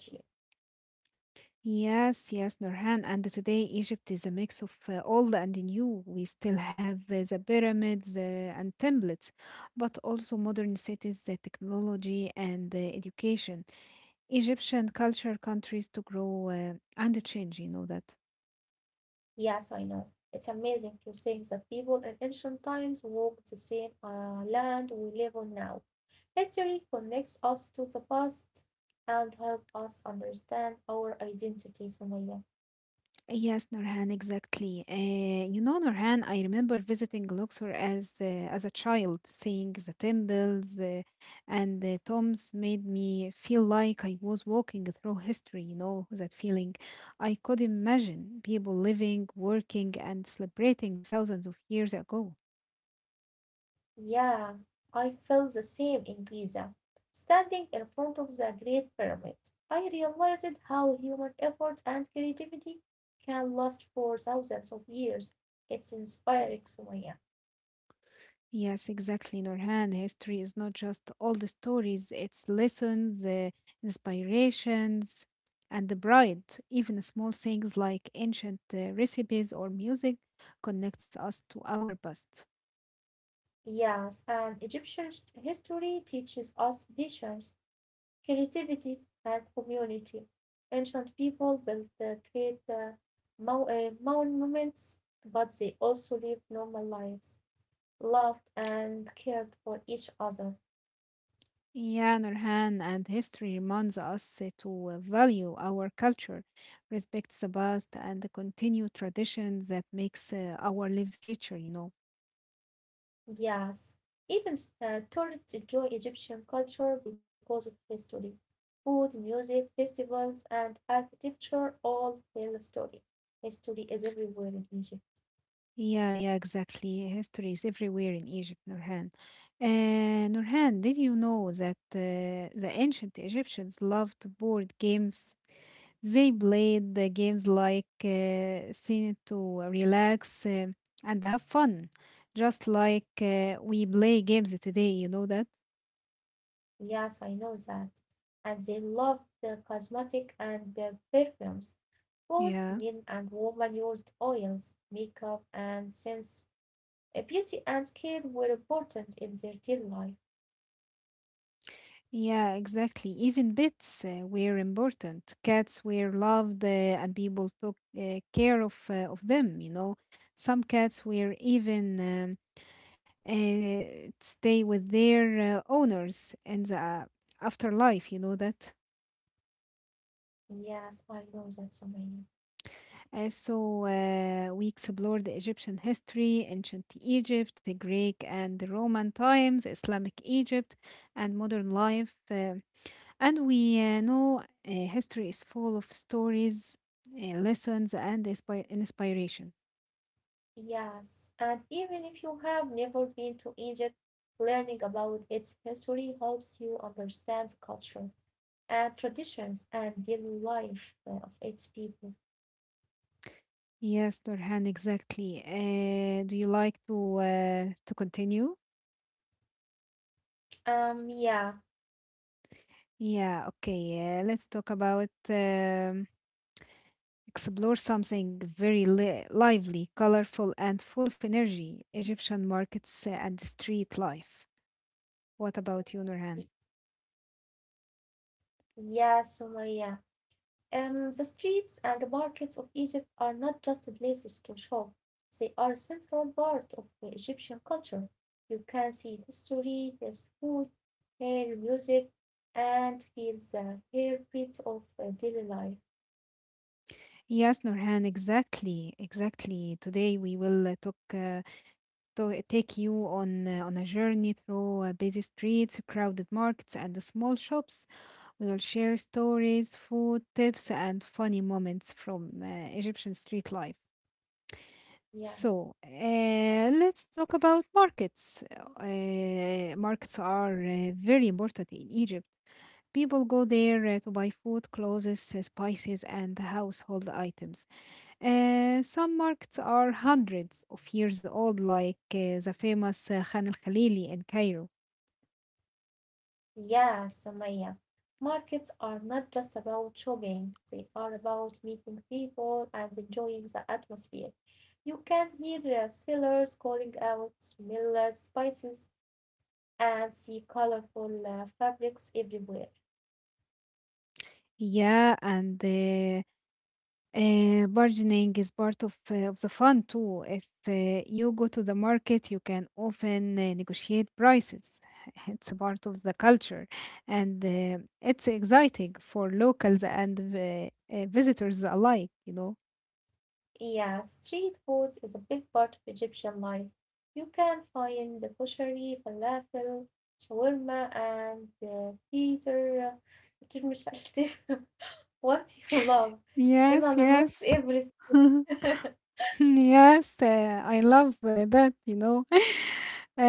Speaker 1: Yes, yes, Nurhan. And today, Egypt is a mix of old and new. We still have the pyramids and templates, but also modern cities, the technology, and education. Egyptian culture countries to grow and change, you know that.
Speaker 2: Yes, I know. It's amazing to think that people in ancient times walked the same land we live on now. History connects us to the past and helps us understand our identity, Sumaya.
Speaker 1: Yes, Nurhan, exactly. Nurhan, I remember visiting Luxor as a child, seeing the temples and the tombs made me feel like I was walking through history. You know that feeling. I could imagine people living, working, and celebrating thousands of years ago.
Speaker 2: Yeah, I felt the same in Giza. Standing in front of the Great Pyramid, I realized how human effort and creativity can last for thousands of years. It's inspiring, Sumaya.
Speaker 1: Yes, exactly, Norhan. History is not just old stories, it's lessons, inspirations, and the pride. Even small things like ancient recipes or music connects us to our past.
Speaker 2: Yes, and Egyptian s- history teaches us patience, creativity, and community. Ancient people built the great monuments, but they also lived normal lives, loved and cared for each other.
Speaker 1: Yeah, Norhan, and history reminds us to value our culture, respect the past, and continue traditions that makes our lives richer.
Speaker 2: Yes, even tourists enjoy Egyptian culture because of history. Food, music, festivals, and architecture all tell a story. History is everywhere in Egypt.
Speaker 1: Yeah, yeah, exactly. History is everywhere in Egypt, Nurhan. Nurhan, did you know that the ancient Egyptians loved board games? They played the games like seen to relax and have fun, just like we play games today. You know that?
Speaker 2: Yes, I know that. And they loved the cosmetic and the perfumes. Both
Speaker 1: Yeah.
Speaker 2: men and women used oils, makeup, and scents. Beauty and care were important in their daily life.
Speaker 1: Yeah, exactly. Even pets were important. Cats were loved, and people took care of them. Some cats were even stay with their owners in the afterlife. You know that.
Speaker 2: Yes, I know that, Sumaya.
Speaker 1: So we explored the Egyptian history, ancient Egypt, the Greek and the Roman times, Islamic Egypt, and modern life. And we know history is full of stories, lessons, and inspirations.
Speaker 2: Yes, and even if you have never been to Egypt, learning about its history helps you understand culture and traditions and daily life of its people.
Speaker 1: Yes, Nurhan, exactly. Do you like to continue?
Speaker 2: Um, yeah,
Speaker 1: Yeah, okay. Let's talk about explore something very lively, colorful, and full of energy: Egyptian markets and street life. What about you,
Speaker 2: Y-
Speaker 1: Nurhan?
Speaker 2: yeah, Sumaya. The streets and the markets of Egypt are not just places to shop, they are a central part of the Egyptian culture. You can see history, taste food, hear music, and feel the heartbeat of daily life.
Speaker 1: Yes, Nurhan, exactly, exactly. Today we will talk, take you on a journey through busy streets, crowded markets, and the small shops. We will share stories, food, tips, and funny moments from Egyptian street life.
Speaker 2: Yes,
Speaker 1: So, let's talk about markets. Markets are very important in Egypt. People go there to buy food, clothes, spices, and household items. Some markets are hundreds of years old, like the famous Khan al Khalili in Cairo.
Speaker 2: yes, Sumaya. Markets are not just about shopping, they are about meeting people and enjoying the atmosphere. You can hear the sellers calling out smells, spices, and see colorful fabrics everywhere.
Speaker 1: Yeah, and bargaining is part of, of the fun too. If you go to the market, you can often negotiate prices. It's a part of the culture, and it's exciting for locals and visitors alike.
Speaker 2: Yeah, street foods is a big part of Egyptian life. You can find the koshari, falafel, shawarma, and the theater, مش عارفة what you love in
Speaker 1: Yes,
Speaker 2: almost
Speaker 1: yes.
Speaker 2: every.
Speaker 1: Yes, I love that. Uh,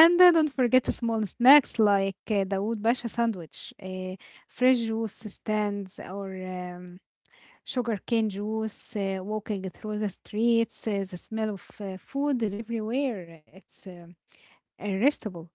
Speaker 1: and don't forget the small snacks like the Wood Basha sandwich, fresh juice stands, or sugarcane juice, walking through the streets, the smell of food is everywhere. It's irresistible.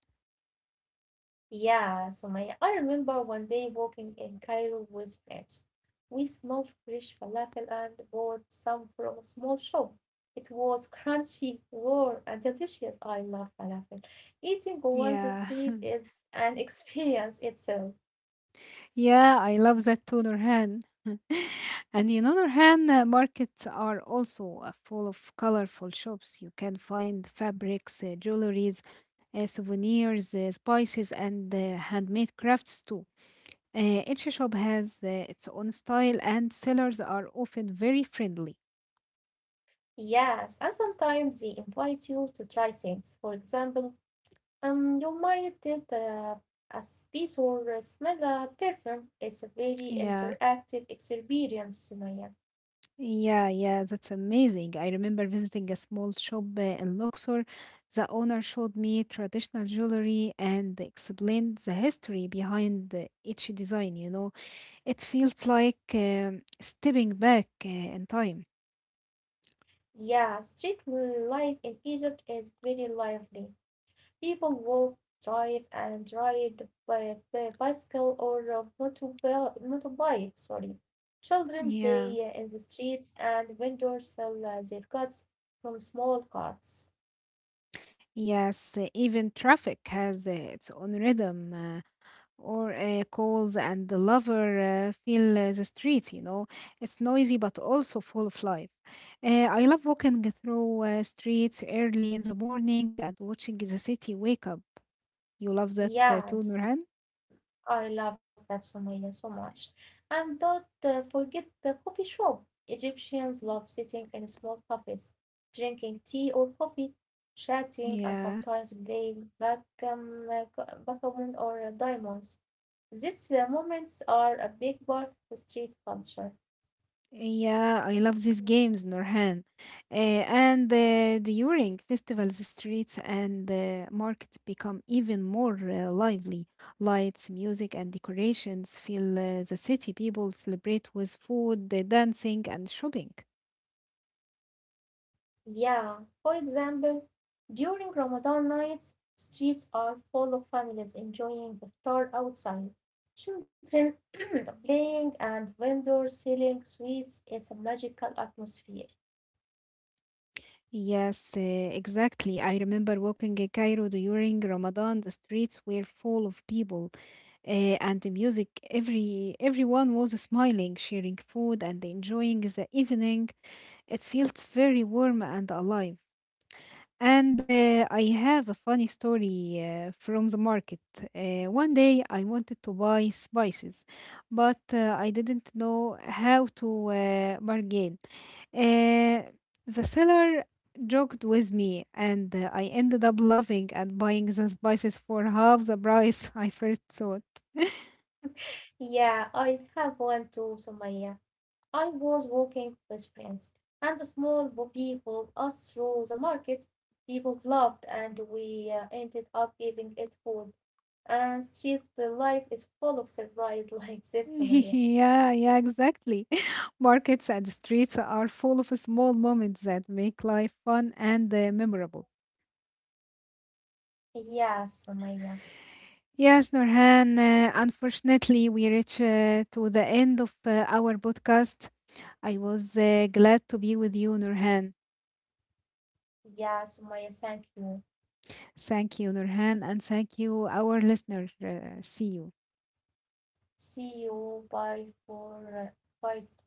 Speaker 2: Yeah, so my I remember one day walking in Cairo with friends. We smelled fresh falafel and bought some from a small shop. It was crunchy, warm, and delicious. I love falafel. Eating on the
Speaker 1: Yeah.
Speaker 2: street is an experience itself.
Speaker 1: Yeah, I love that too, Nurhan. And Nurhan, markets are also full of colorful shops. You can find fabrics, jewelries, souvenirs, spices, and handmade crafts too. Each shop has its own style, and sellers are often very friendly.
Speaker 2: Yes, and sometimes they invite you to try things. For example, you might taste a piece or smell a perfume. It's a very
Speaker 1: Yeah.
Speaker 2: interactive experience, Sumaya.
Speaker 1: Yeah, yeah, that's amazing. I remember visiting a small shop in Luxor. The owner showed me traditional jewelry and explained the history behind each design. It felt like stepping back in time.
Speaker 2: Yeah, street life in Egypt is very lively. People walk, drive, and ride by bicycle or motorbike. Sorry, children play
Speaker 1: Yeah.
Speaker 2: in the streets, and vendors sell their goods from small carts.
Speaker 1: Yes, even traffic has its own rhythm. Or calls and the lover feel the streets. It's noisy but also full of life. I love walking through streets early in the morning and watching the city wake up. You love that too,
Speaker 2: Yes.
Speaker 1: Nurhan?
Speaker 2: I love that Sumaya so much. And don't forget the coffee shop. Egyptians love sitting in small cafes, drinking tea or coffee, chatting, and
Speaker 1: Yeah.
Speaker 2: sometimes playing backgammon or diamonds. These moments are a big part of street culture.
Speaker 1: Yeah, I love these games, Norhan. And during festivals, the streets and markets become even more lively. Lights, music, and decorations fill the city. People celebrate with food, dancing, and shopping.
Speaker 2: Yeah, for example, during Ramadan nights, streets are full of families enjoying iftar outside, children playing, and vendors selling sweets. It's a magical atmosphere.
Speaker 1: Yes, exactly. I remember walking in Cairo during Ramadan. The streets were full of people, uh, and the music. Everyone was smiling, sharing food, and enjoying the evening. It feels very warm and alive. And I have a funny story from the market. One day I wanted to buy spices, but I didn't know how to bargain. Uh, the seller joked with me, and I ended up loving and buying the spices for half the price I first thought.
Speaker 2: Yeah, I have one too, Sumaya. I was walking with friends, and a small buggy followed us through the market. People laughed, and we ended up giving it food. And street life is full of surprise like this, Sumaya.
Speaker 1: Yeah, yeah, exactly. Markets and streets are full of small moments that make life fun and memorable.
Speaker 2: Yeah, Sumaya.
Speaker 1: Yes, Norhan, unfortunately, we reach to the end of our podcast. I was glad to be with you, Norhan.
Speaker 2: Yeah, Sumaya, thank you.
Speaker 1: Thank you, Norhan, and thank you, our listener. See you.
Speaker 2: See you. Bye for bye. Steve.